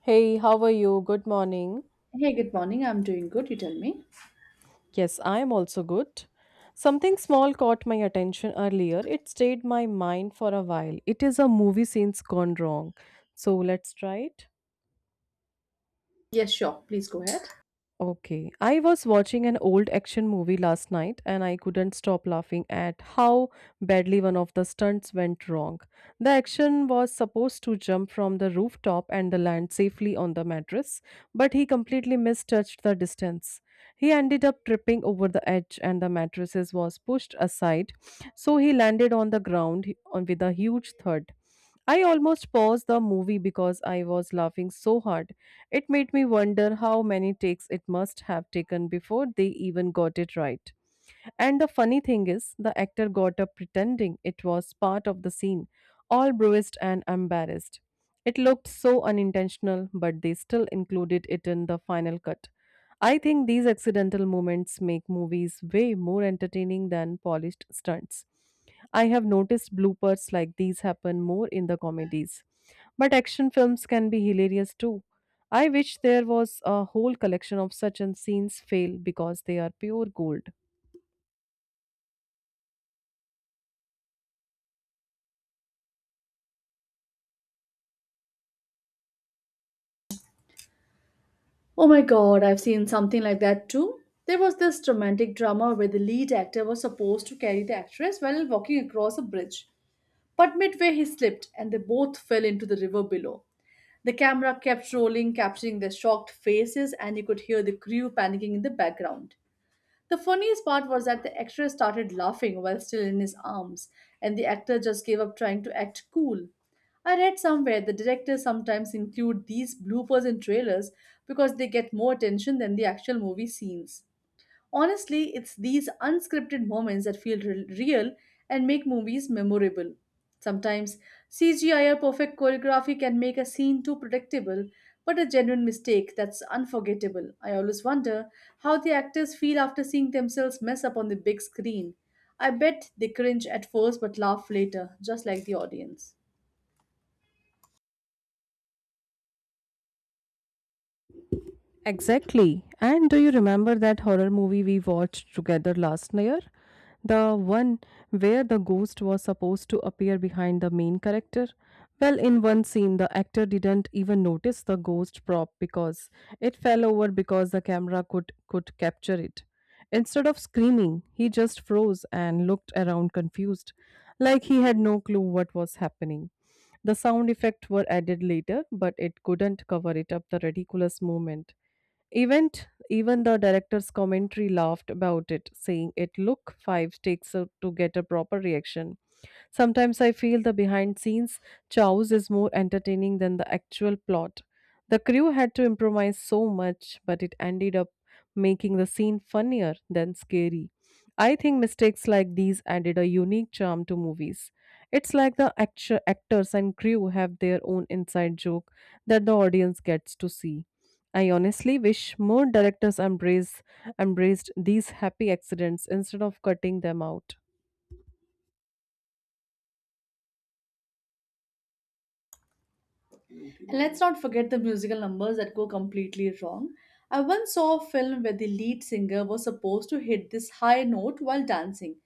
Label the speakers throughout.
Speaker 1: Hey, how are you? Good morning.
Speaker 2: Hey, good morning. I'm doing good. You tell me.
Speaker 1: Yes, I am also good. Something small caught my attention earlier. It stayed my mind for a while. It is a movie scenes gone wrong. So let's try it.
Speaker 2: Yes, sure. Please go ahead.
Speaker 1: Okay. I was watching an old action movie last night and I couldn't stop laughing at how badly one of the stunts went wrong. The action was supposed to jump from the rooftop and the land safely on the mattress, but he completely mistouched the distance. He ended up tripping over the edge and the mattresses was pushed aside, so he landed on the ground on with a huge thud. I almost paused the movie because I was laughing so hard it made me wonder how many takes it must have taken before they even got it right. And the funny thing is, the actor got up pretending it was part of the scene, all bruised and embarrassed. It looked so unintentional, but they still included it in the final cut. I think these accidental moments make movies way more entertaining than polished stunts. I have noticed bloopers like these happen more in the comedies. But action films can be hilarious too. I wish there was a whole collection of such and scenes fail because they are pure gold.
Speaker 2: Oh my god, I've seen something like that too. There was this romantic drama where the lead actor was supposed to carry the actress while walking across a bridge. But midway he slipped and they both fell into the river below. The camera kept rolling, capturing their shocked faces, and you could hear the crew panicking in the background. The funniest part was that the actress started laughing while still in his arms, and the actor just gave up trying to act cool. I read somewhere the directors sometimes include these bloopers in trailers because they get more attention than the actual movie scenes. Honestly, it's these unscripted moments that feel real and make movies memorable. Sometimes CGI or perfect choreography can make a scene too predictable, but a genuine mistake that's unforgettable. I always wonder how the actors feel after seeing themselves mess up on the big screen. I bet they cringe at first but laugh later, just like the audience.
Speaker 1: Exactly. And do you remember that horror movie we watched together last year? The one where the ghost was supposed to appear behind the main character? Well, in one scene, the actor didn't even notice the ghost prop because it fell over because the camera could capture it. Instead of screaming, he just froze and looked around confused, like he had no clue what was happening. The sound effects were added later, but it couldn't cover it up the ridiculous moment. Event even the director's commentary laughed about it, saying it look five takes to get a proper reaction. Sometimes I feel the behind scenes chows is more entertaining than the actual plot. The crew had to improvise so much, but it ended up making the scene funnier than scary. I think mistakes like these added a unique charm to movies. It's like the actors and crew have their own inside joke that the audience gets to see. I honestly wish more directors embraced these happy accidents instead of cutting them out.
Speaker 2: And let's not forget the musical numbers that go completely wrong. I once saw a film where the lead singer was supposed to hit this high note while dancing,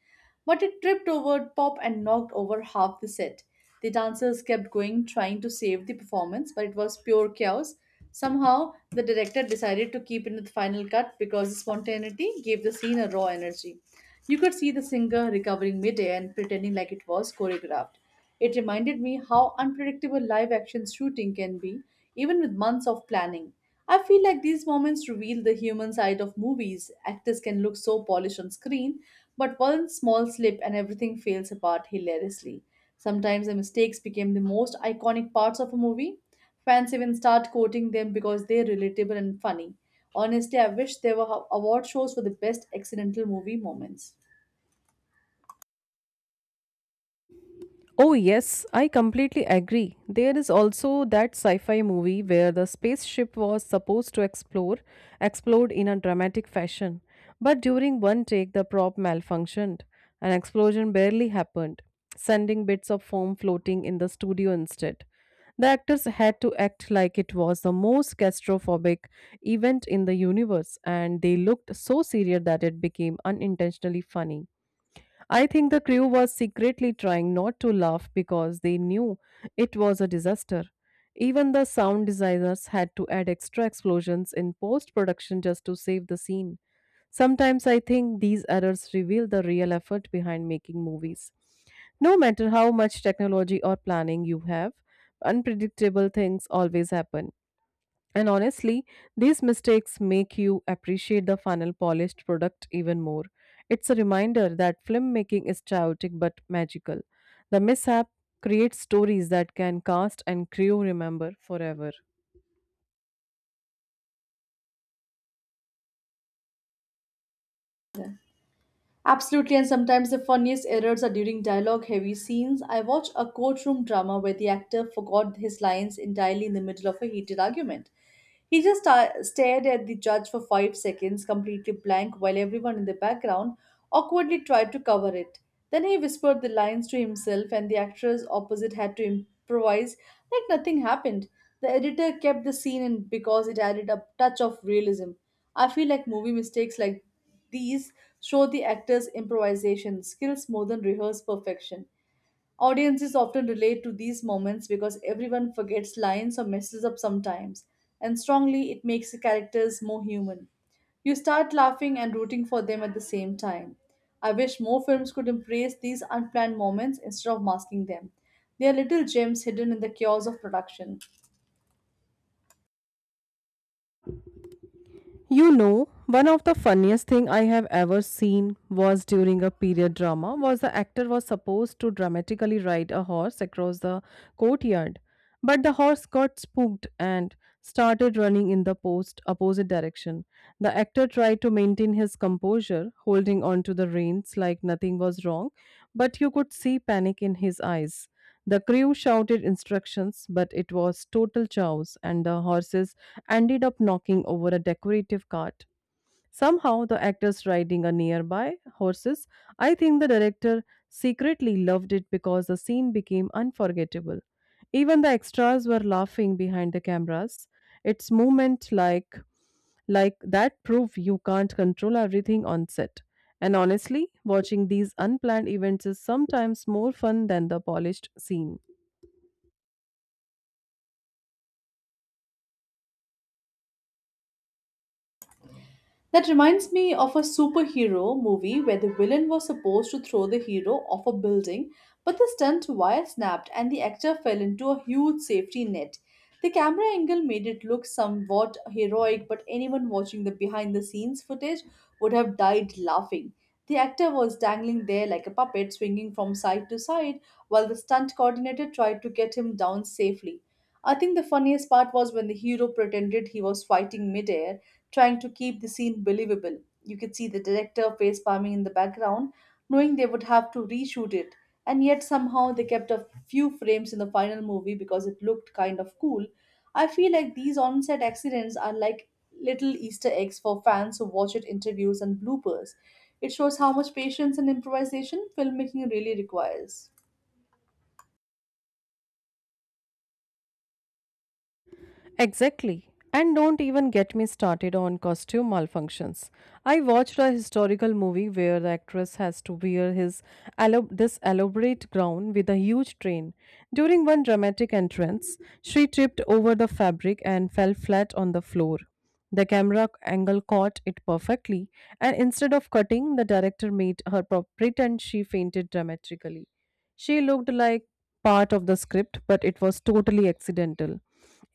Speaker 2: but it tripped over pop and knocked over half the set. The dancers kept going trying to save the performance, but it was pure chaos. Somehow, the director decided to keep it in the final cut because the spontaneity gave the scene a raw energy. You could see the singer recovering midair and pretending like it was choreographed. It reminded me how unpredictable live action shooting can be, even with months of planning. I feel like these moments reveal the human side of movies. Actors can look so polished on screen, but one small slip and everything fails apart hilariously. Sometimes the mistakes became the most iconic parts of a movie. Fans even start quoting them because they're relatable and funny. Honestly, I wish there were award shows for the best accidental movie moments.
Speaker 1: Oh, yes, I completely agree. There is also that sci-fi movie where the spaceship was supposed to explore explode in a dramatic fashion, but during one take the prop malfunctioned. An explosion barely happened, sending bits of foam floating in the studio instead. The actors had to act like it was the most catastrophic event in the universe, and they looked so serious that it became unintentionally funny. I think the crew was secretly trying not to laugh because they knew it was a disaster. Even the sound designers had to add extra explosions in post production just to save the scene. Sometimes I think these errors reveal the real effort behind making movies. No matter how much technology or planning you have, unpredictable things always happen. And honestly, these mistakes make you appreciate the final polished product even more. It's a reminder that filmmaking is chaotic but magical. The mishap creates stories that can cast and crew remember forever.
Speaker 2: Yeah. Absolutely, and sometimes the funniest errors are during dialogue heavy scenes. I watched a courtroom drama where the actor forgot his lines entirely in the middle of a heated argument. He just stared at the judge for 5 seconds, completely blank, while everyone in the background awkwardly tried to cover it. Then he whispered the lines to himself, and the actress opposite had to improvise like nothing happened. The editor kept the scene in because it added a touch of realism. I feel like movie mistakes like these show the actors' improvisation skills more than rehearsed perfection. Audiences often relate to these moments because everyone forgets lines or messes up sometimes, and strongly it makes the characters more human. You start laughing and rooting for them at the same time. I wish more films could embrace these unplanned moments instead of masking them. They are little gems hidden in the chaos of production.
Speaker 1: You know, one of the funniest thing I have ever seen was during a period drama was the actor was supposed to dramatically ride a horse across the courtyard, but the horse got spooked and started running in the post opposite direction. The actor tried to maintain his composure, holding on to the reins like nothing was wrong, but you could see panic in his eyes. The crew shouted instructions, but it was total chaos, and the horses ended up knocking over a decorative cart. Somehow, the actors riding a nearby horses. I think the director secretly loved it because the scene became unforgettable. Even the extras were laughing behind the cameras. It's moment like that prove you can't control everything on set. And honestly, watching these unplanned events is sometimes more fun than the polished scene.
Speaker 2: That reminds me of a superhero movie where the villain was supposed to throw the hero off a building, but the stunt wire snapped and the actor fell into a huge safety net. The camera angle made it look somewhat heroic, but anyone watching the behind the scenes footage would have died laughing. The actor was dangling there like a puppet, swinging from side to side, while the stunt coordinator tried to get him down safely. I think the funniest part was when the hero pretended he was fighting midair trying to keep the scene believable. You could see the director face palming in the background, knowing they would have to reshoot it. And yet somehow they kept a few frames in the final movie because it looked kind of cool. I feel like these on-set accidents are like little Easter eggs for fans who watch it interviews and bloopers. It shows how much patience and improvisation filmmaking really requires.
Speaker 1: Exactly. And don't even get me started on costume malfunctions. I watched a historical movie where the actress has to wear his this elaborate gown with a huge train. During one dramatic entrance, she tripped over the fabric and fell flat on the floor. The camera angle caught it perfectly, and instead of cutting, the director made her pretend she fainted dramatically. She looked like part of the script, but it was totally accidental.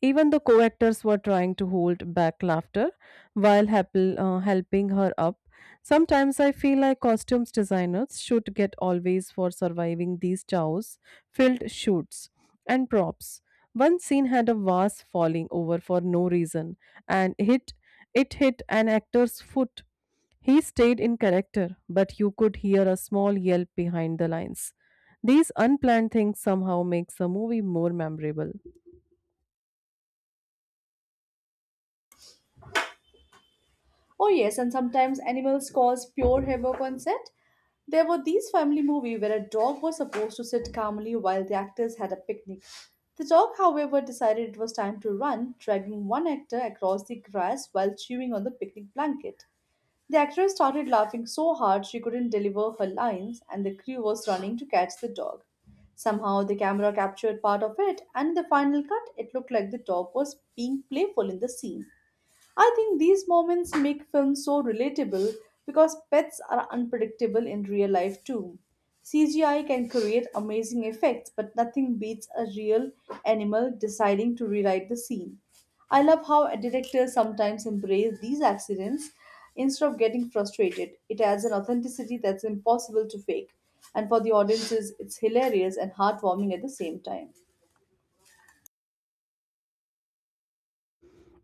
Speaker 1: Even the co actors were trying to hold back laughter while helping her up. Sometimes I feel like costumes designers should get always for surviving these chows, filled shoots, and props. One scene had a vase falling over for no reason, and hit it hit an actor's foot. He stayed in character, but you could hear a small yelp behind the lines. These unplanned things somehow makes a movie more memorable.
Speaker 2: Oh yes, and sometimes animals cause pure havoc on set. There were these family movie where a dog was supposed to sit calmly while the actors had a picnic. The dog, however, decided it was time to run, dragging one actor across the grass while chewing on the picnic blanket. The actress started laughing so hard she couldn't deliver her lines, and the crew was running to catch the dog. Somehow, the camera captured part of it, and in the final cut, it looked like the dog was being playful in the scene. I think these moments make films so relatable because pets are unpredictable in real life too. CGI can create amazing effects, but nothing beats a real animal deciding to rewrite the scene. I love how directors sometimes embrace these accidents instead of getting frustrated. It adds an authenticity that's impossible to fake, and for the audiences, it's hilarious and heartwarming at the same time.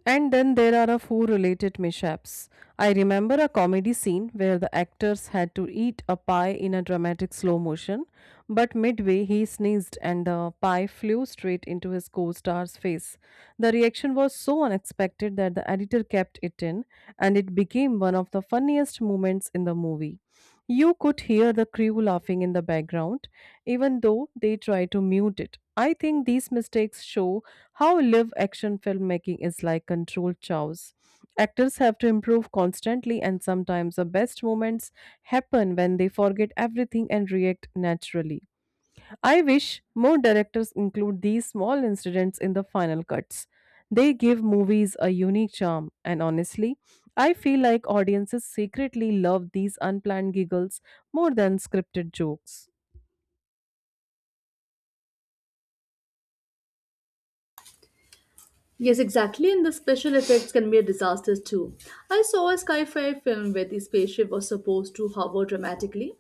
Speaker 1: And then there are a few related mishaps. I remember a comedy scene where the actors had to eat a pie in a dramatic slow motion, but midway he sneezed and the pie flew straight into his co-star's face. The reaction was so unexpected that the editor kept it in and it became one of the funniest moments in the movie. You could hear the crew laughing in the background, even though they try to mute it. I think these mistakes show how live action filmmaking is like controlled chows. Actors have to improve constantly, and sometimes the best moments happen when they forget everything and react naturally. I wish more directors include these small incidents in the final cuts. They give movies a unique charm, and honestly, I feel like audiences secretly love these unplanned giggles more than scripted jokes.
Speaker 2: Yes, exactly, and the special effects can be a disaster too. I saw a sci-fi film where the spaceship was supposed to hover dramatically,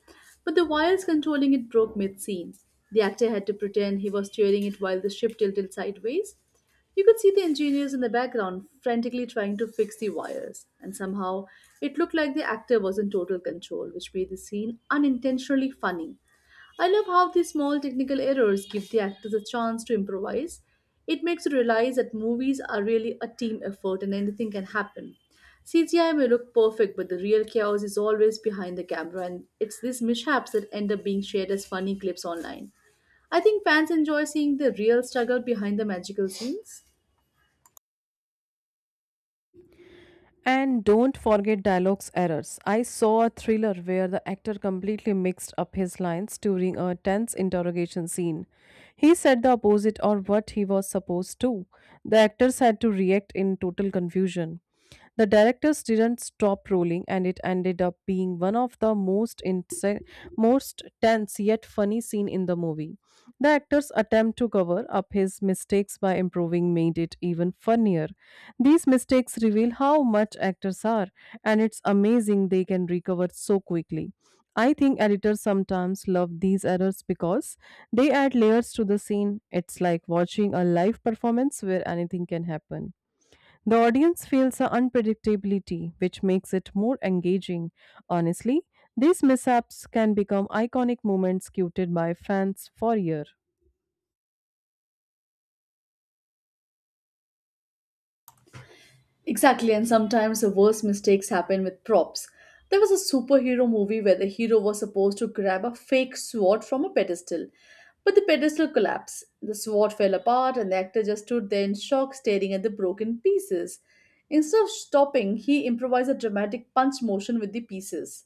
Speaker 2: but the wires controlling it broke mid-scene. The actor had to pretend he was steering it while the ship tilted sideways. You could see the engineers in the background frantically trying to fix the wires, and somehow it looked like the actor was in total control, which made the scene unintentionally funny. I love how these small technical errors give the actors a chance to improvise. It makes you realize that movies are really a team effort and anything can happen. CGI may look perfect, but the real chaos is always behind the camera, and it's these mishaps that end up being shared as funny clips online. I think fans enjoy seeing the real struggle behind the magical scenes.
Speaker 1: And don't forget dialogue's errors. I saw a thriller where the actor completely mixed up his lines during a tense interrogation scene. He said the opposite or what he was supposed to. The actors had to react in total confusion. The directors didn't stop rolling, and it ended up being one of the most tense yet funny scene in the movie. The actor's attempt to cover up his mistakes by improving made it even funnier. These mistakes reveal how much actors are, and it's amazing they can recover so quickly. I think editors sometimes love these errors because they add layers to the scene. It's like watching a live performance where anything can happen. The audience feels the unpredictability, which makes it more engaging. Honestly, these mishaps can become iconic moments quoted by fans for years.
Speaker 2: Exactly, and sometimes the worst mistakes happen with props. There was a superhero movie where the hero was supposed to grab a fake sword from a pedestal, but the pedestal collapsed. The sword fell apart, and the actor just stood there in shock, staring at the broken pieces. Instead of stopping, he improvised a dramatic punch motion with the pieces,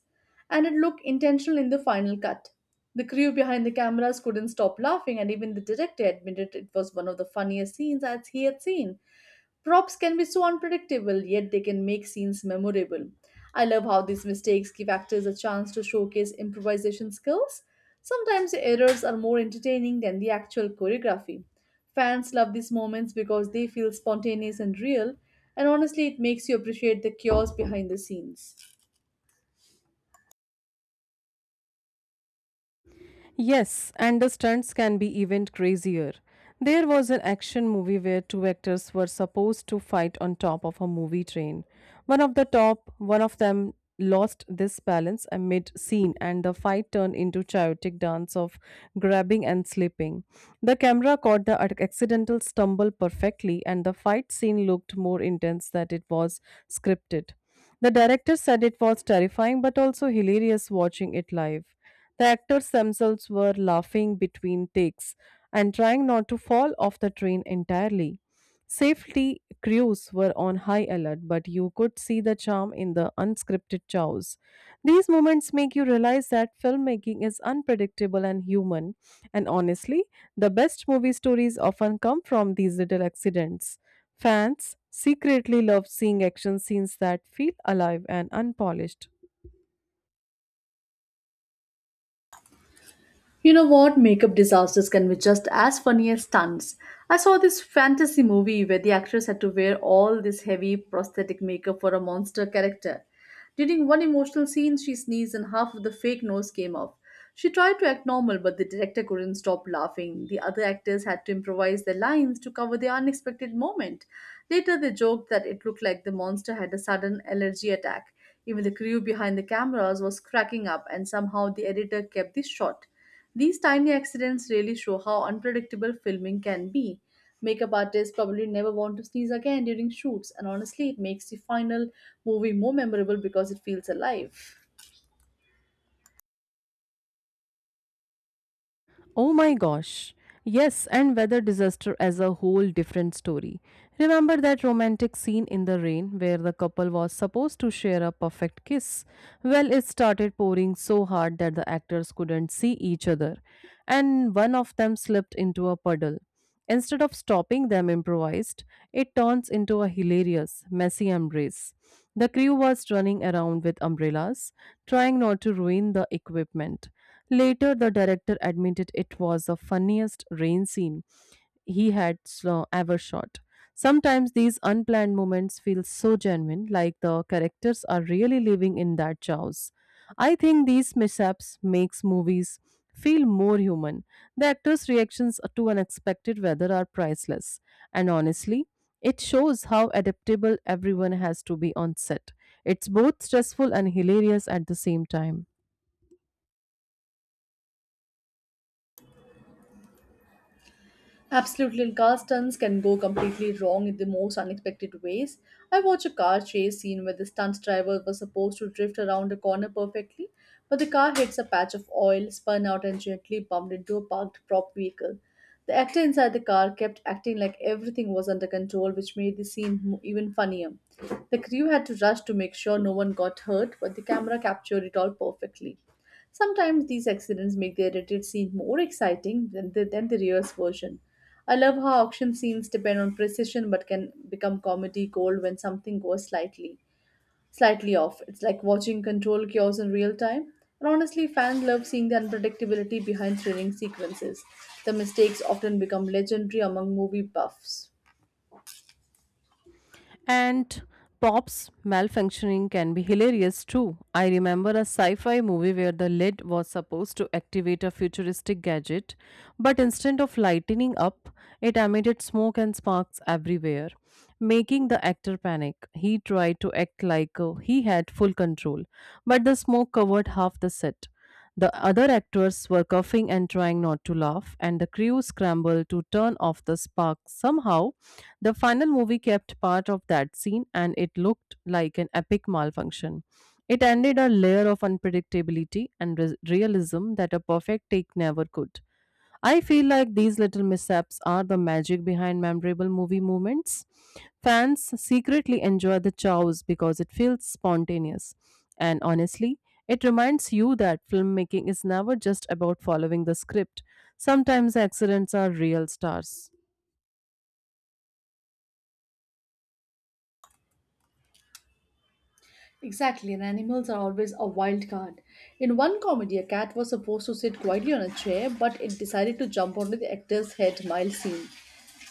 Speaker 2: and it looked intentional in the final cut. The crew behind the cameras couldn't stop laughing, and even the director admitted it was one of the funniest scenes as he had seen. Props can be so unpredictable, yet they can make scenes memorable. I love how these mistakes give actors a chance to showcase improvisation skills. Sometimes the errors are more entertaining than the actual choreography. Fans love these moments because they feel spontaneous and real, and honestly, it makes you appreciate the chaos behind the scenes.
Speaker 1: Yes, and the stunts can be even crazier. There was an action movie where two actors were supposed to fight on top of a movie train. One of them lost this balance amid scene and the fight turned into chaotic dance of grabbing and slipping. The camera caught the accidental stumble perfectly and the fight scene looked more intense than it was scripted. The director said it was terrifying but also hilarious watching it live. The actors themselves were laughing between takes and trying not to fall off the train entirely. Safety crews were on high alert, but you could see the charm in the unscripted chows. These moments make you realize that filmmaking is unpredictable and human, and honestly, the best movie stories often come from these little accidents. Fans secretly love seeing action scenes that feel alive and unpolished.
Speaker 2: You know what? Makeup disasters can be just as funny as stunts. I saw this fantasy movie where the actress had to wear all this heavy prosthetic makeup for a monster character. During one emotional scene, she sneezed and half of the fake nose came off. She tried to act normal, but the director couldn't stop laughing. The other actors had to improvise their lines to cover the unexpected moment. Later, they joked that it looked like the monster had a sudden allergy attack. Even the crew behind the cameras was cracking up, and somehow the editor kept this short. These tiny accidents really show how unpredictable filming can be. Makeup artists probably never want to sneeze again during shoots, and honestly, it makes the final movie more memorable because it feels alive.
Speaker 1: Oh my gosh. Yes, and weather disaster as a whole different story. Remember that romantic scene in the rain where the couple was supposed to share a perfect kiss? Well, it started pouring so hard that the actors couldn't see each other, and one of them slipped into a puddle. Instead of stopping them improvised, it turns into a hilarious, messy embrace. The crew was running around with umbrellas, trying not to ruin the equipment. Later, the director admitted it was the funniest rain scene he had ever shot. Sometimes these unplanned moments feel so genuine, like the characters are really living in that chaos. I think these mishaps makes movies feel more human. The actors' reactions to unexpected weather are priceless, and honestly, it shows how adaptable everyone has to be on set. It's both stressful and hilarious at the same time.
Speaker 2: Absolutely, and car stunts can go completely wrong in the most unexpected ways. I watched a car chase scene where the stunt driver was supposed to drift around a corner perfectly, but the car hits a patch of oil, spun out, and gently bumped into a parked prop vehicle. The actor inside the car kept acting like everything was under control, which made the scene even funnier. The crew had to rush to make sure no one got hurt, but the camera captured it all perfectly. Sometimes these accidents make the edited scene more exciting than than the real version. I love how auction scenes depend on precision but can become comedy gold when something goes slightly off. It's like watching control chaos in real time. And honestly, fans love seeing the unpredictability behind thrilling sequences. The mistakes often become legendary among movie buffs.
Speaker 1: And Pop's malfunctioning can be hilarious too. I remember a sci fi movie where the lid was supposed to activate a futuristic gadget, but instead of lightening up, it emitted smoke and sparks everywhere, making the actor panic. He tried to act like he had full control, but the smoke covered half the set. The other actors were coughing and trying not to laugh, and the crew scrambled to turn off the spark somehow the final movie kept part of that scene and it looked like an epic malfunction. It ended a layer of unpredictability and realism that a perfect take never could. I feel like these little mishaps are the magic behind memorable movie moments. Fans secretly enjoy the chows because it feels spontaneous. And honestly, it reminds you that filmmaking is never just about following the script. Sometimes accidents are real stars.
Speaker 2: Exactly, and animals are always a wild card. In one comedy, a cat was supposed to sit quietly on a chair, but it decided to jump onto the actor's head mile scene.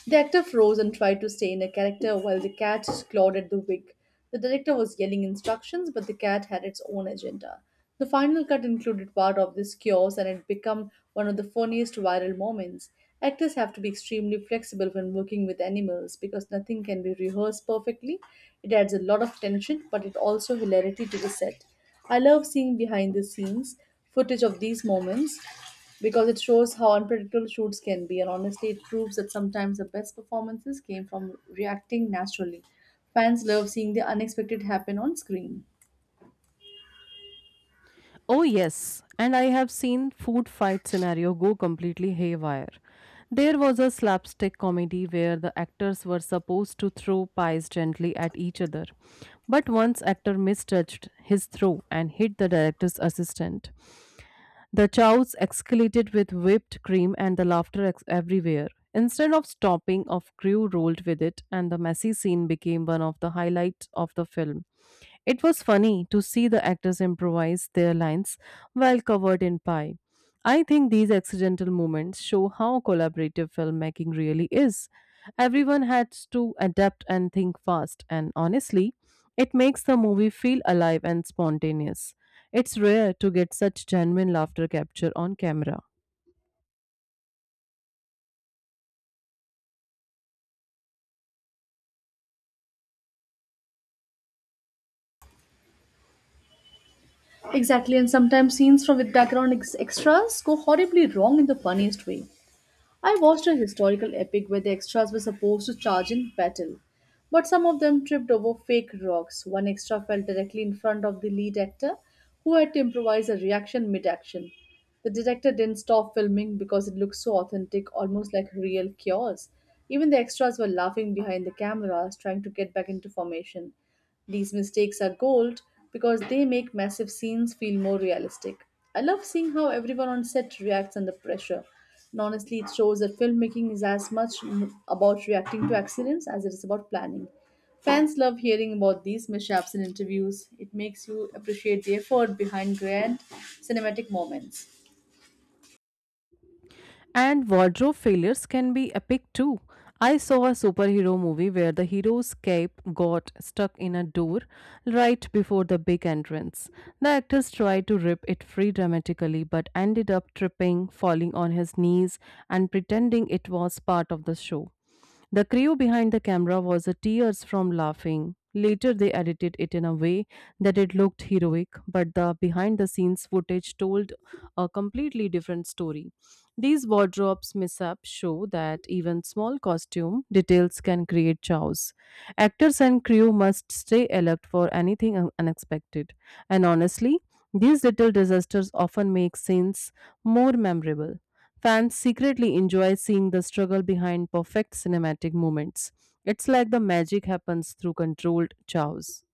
Speaker 2: The actor froze and tried to stay in a character while the cat clawed at the wig. The director was yelling instructions, but the cat had its own agenda. The final cut included part of this chaos and it became one of the funniest viral moments. Actors have to be extremely flexible when working with animals because nothing can be rehearsed perfectly. It adds a lot of tension but it also hilarity to the set. I love seeing behind the scenes footage of these moments because it shows how unpredictable shoots can be, and honestly it proves that sometimes the best performances came from reacting naturally. Fans love seeing the unexpected happen on screen.
Speaker 1: Oh, yes, and I have seen food fight scenario go completely haywire. There was a slapstick comedy where the actors were supposed to throw pies gently at each other. But once actor misjudged his throw and hit the director's assistant. The chows escalated with whipped cream and the laughter everywhere. Instead of stopping, of crew rolled with it, and the messy scene became one of the highlights of the film. It was funny to see the actors improvise their lines while covered in pie. I think these accidental moments show how collaborative filmmaking really is. Everyone had to adapt and think fast, and honestly, it makes the movie feel alive and spontaneous. It's rare to get such genuine laughter capture on camera.
Speaker 2: Exactly, and sometimes scenes from with background extras go horribly wrong in the funniest way. I watched a historical epic where the extras were supposed to charge in battle, but some of them tripped over fake rocks. One extra fell directly in front of the lead actor, who had to improvise a reaction mid action. The director didn't stop filming because it looked so authentic, almost like real chaos. Even the extras were laughing behind the cameras, trying to get back into formation. These mistakes are gold because they make massive scenes feel more realistic. I love seeing how everyone on set reacts under pressure. And honestly, it shows that filmmaking is as much about reacting to accidents as it is about planning. Fans love hearing about these mishaps in interviews. It makes you appreciate the effort behind grand cinematic moments.
Speaker 1: And wardrobe failures can be epic too. I saw a superhero movie where the hero's cape got stuck in a door right before the big entrance. The actors tried to rip it free dramatically but ended up tripping, falling on his knees, and pretending it was part of the show. The crew behind the camera was at tears from laughing. Later, they edited it in a way that it looked heroic, but the behind the scenes footage told a completely different story. These wardrobes mishaps show that even small costume details can create chaos. Actors and crew must stay alert for anything unexpected. And honestly, these little disasters often make scenes more memorable. Fans secretly enjoy seeing the struggle behind perfect cinematic moments. It's like the magic happens through controlled chows.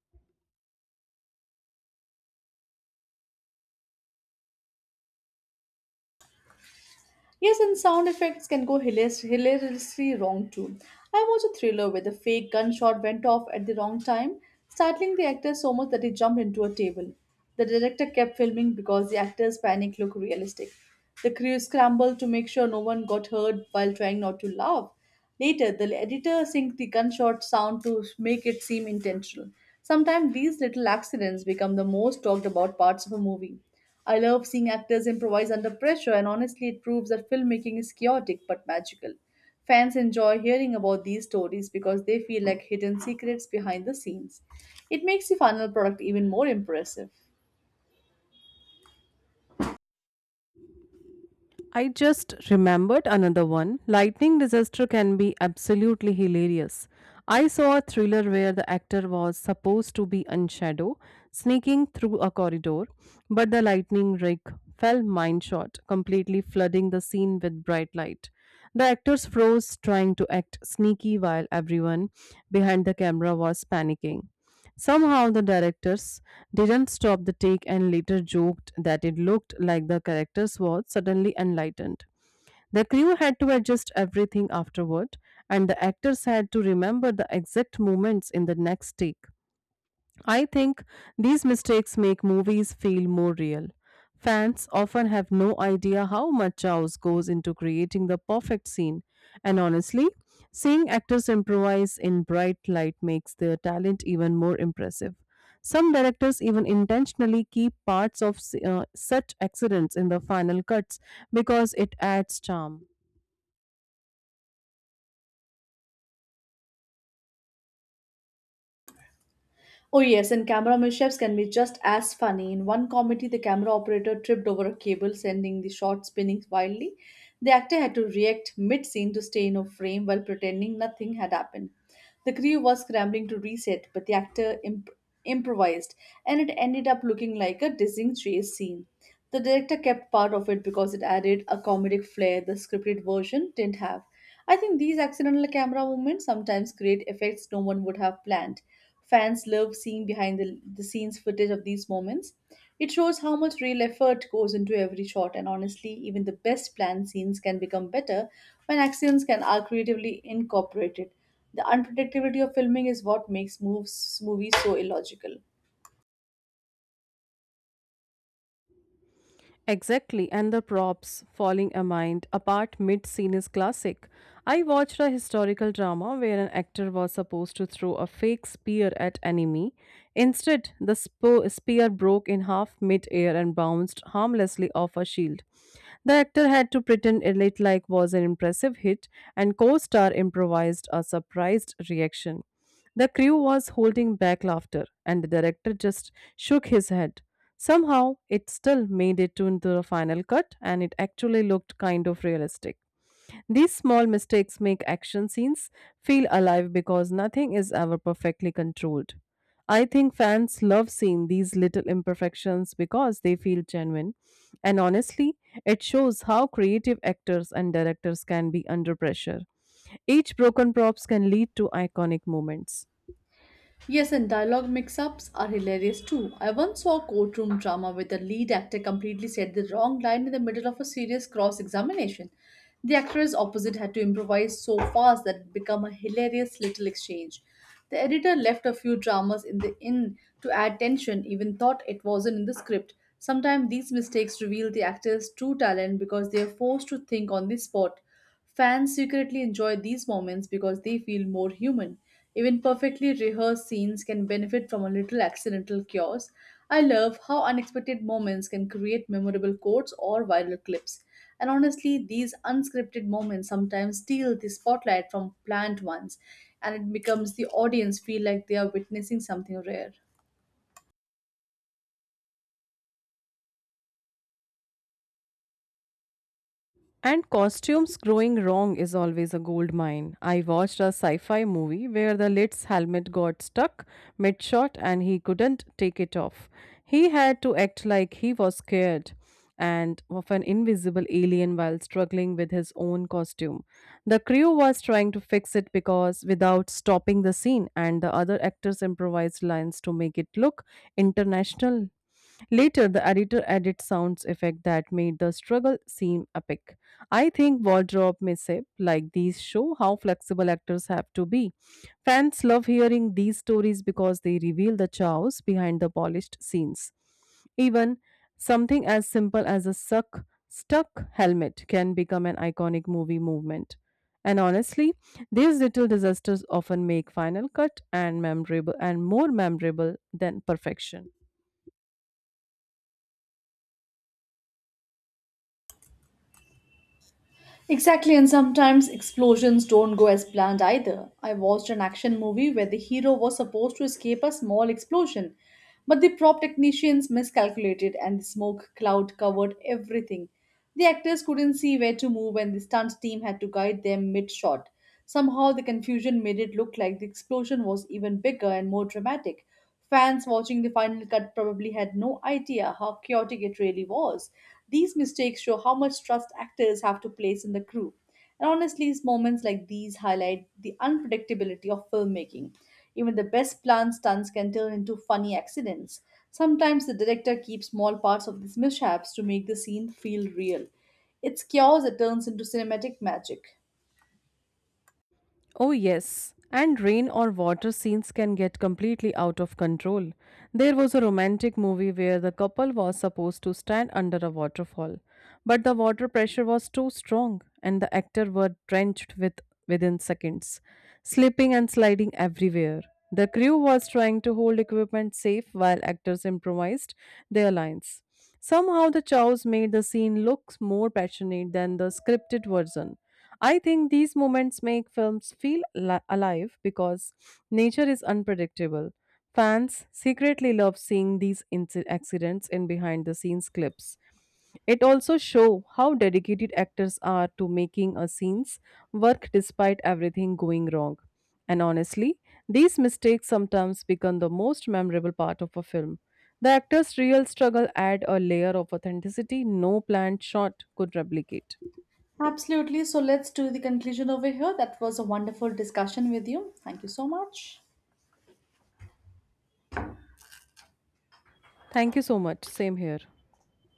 Speaker 2: Yes, and sound effects can go hilariously wrong too. I watched a thriller where the fake gunshot went off at the wrong time, startling the actor so much that he jumped into a table. The director kept filming because the actor's panic looked realistic. The crew scrambled to make sure no one got hurt while trying not to laugh. Later, the editor synced the gunshot sound to make it seem intentional. Sometimes these little accidents become the most talked about parts of a movie. I love seeing actors improvise under pressure, and honestly, it proves that filmmaking is chaotic but magical. Fans enjoy hearing about these stories because they feel like hidden secrets behind the scenes. It makes the final product even more impressive.
Speaker 1: I just remembered another one. Lightning disaster can be absolutely hilarious. I saw a thriller where the actor was supposed to be on shadow, sneaking through a corridor, but the lightning rig fell mine shot, completely flooding the scene with bright light. The actors froze trying to act sneaky while everyone behind the camera was panicking. Somehow the directors didn't stop the take and later joked that it looked like the characters were suddenly enlightened. The crew had to adjust everything afterward, and the actors had to remember the exact moments in the next take. I think these mistakes make movies feel more real. Fans often have no idea how much chaos goes into creating the perfect scene, and honestly, seeing actors improvise in bright light makes their talent even more impressive. Some directors even intentionally keep parts of such accidents in the final cuts because it adds charm.
Speaker 2: Oh yes, and camera mishaps can be just as funny. In one comedy, the camera operator tripped over a cable, sending the shot spinning wildly. The actor had to react mid scene to stay in a frame while pretending nothing had happened. The crew was scrambling to reset, but the actor improvised, and it ended up looking like a dizzying chase scene. The director kept part of it because it added a comedic flair the scripted version didn't have. I think these accidental camera movements sometimes create effects no one would have planned. Fans love seeing behind the scenes footage of these moments. It shows how much real effort goes into every shot, and honestly, even the best planned scenes can become better when accidents can are creatively incorporated. The unpredictability of filming is what makes moves movies so illogical.
Speaker 1: Exactly, and the props falling a mind apart mid scene is classic. I watched a historical drama where an actor was supposed to throw a fake spear at enemy. Instead, the spear broke in half mid air and bounced harmlessly off a shield. The actor had to pretend it like was an impressive hit, and co-star improvised a surprised reaction. The crew was holding back laughter, and the director just shook his head. Somehow, it still made it to into the final cut, and it actually looked kind of realistic. These small mistakes make action scenes feel alive because nothing is ever perfectly controlled. I think fans love seeing these little imperfections because they feel genuine. And honestly, it shows how creative actors and directors can be under pressure. Each broken props can lead to iconic moments.
Speaker 2: Yes, and dialogue mix ups are hilarious too. I once saw a courtroom drama where the lead actor completely said the wrong line in the middle of a serious cross examination. The actress opposite had to improvise so fast that it became a hilarious little exchange. The editor left a few dramas in the inn to add tension, even thought it wasn't in the script. Sometimes these mistakes reveal the actor's true talent because they are forced to think on the spot. Fans secretly enjoy these moments because they feel more human. Even perfectly rehearsed scenes can benefit from a little accidental chaos. I love how unexpected moments can create memorable quotes or viral clips. And honestly, these unscripted moments sometimes steal the spotlight from planned ones, and it becomes the audience feel like they are witnessing something rare.
Speaker 1: And costumes growing wrong is always a gold mine. I watched a sci fi movie where the lid's helmet got stuck mid shot and he couldn't take it off. He had to act like he was scared and of an invisible alien while struggling with his own costume. The crew was trying to fix it because without stopping the scene and the other actors improvised lines to make it look international. Later, the editor added sounds effect that made the struggle seem epic. I think wardrobe mishap like these show how flexible actors have to be. Fans love hearing these stories because they reveal the chows behind the polished scenes. Even something as simple as a suck stuck helmet can become an iconic movie movement. And honestly, these little disasters often make final cut and memorable and more memorable than perfection.
Speaker 2: Exactly, and sometimes explosions don't go as planned either. I watched an action movie where the hero was supposed to escape a small explosion, but the prop technicians miscalculated and the smoke cloud covered everything. The actors couldn't see where to move, and the stunt team had to guide them mid shot. Somehow, the confusion made it look like the explosion was even bigger and more dramatic. Fans watching the final cut probably had no idea how chaotic it really was. These mistakes show how much trust actors have to place in the crew. And honestly, moments like these highlight the unpredictability of filmmaking. Even the best planned stunts can turn into funny accidents. Sometimes the director keeps small parts of these mishaps to make the scene feel real. It's chaos that turns into cinematic magic.
Speaker 1: Oh, yes. And rain or water scenes can get completely out of control. There was a romantic movie where the couple was supposed to stand under a waterfall, but the water pressure was too strong and the actors were drenched with within seconds, slipping and sliding everywhere. The crew was trying to hold equipment safe while actors improvised their lines. Somehow the chows made the scene look more passionate than the scripted version. I think these moments make films feel alive because nature is unpredictable. Fans secretly love seeing these accidents in behind the scenes clips. It also shows how dedicated actors are to making a scenes work despite everything going wrong. And honestly, these mistakes sometimes become the most memorable part of a film. The actor's real struggle add a layer of authenticity no planned shot could replicate.
Speaker 2: Absolutely. So let's do the conclusion over here. That was a wonderful discussion with you. Thank you so much.
Speaker 1: Thank you so much. Same here.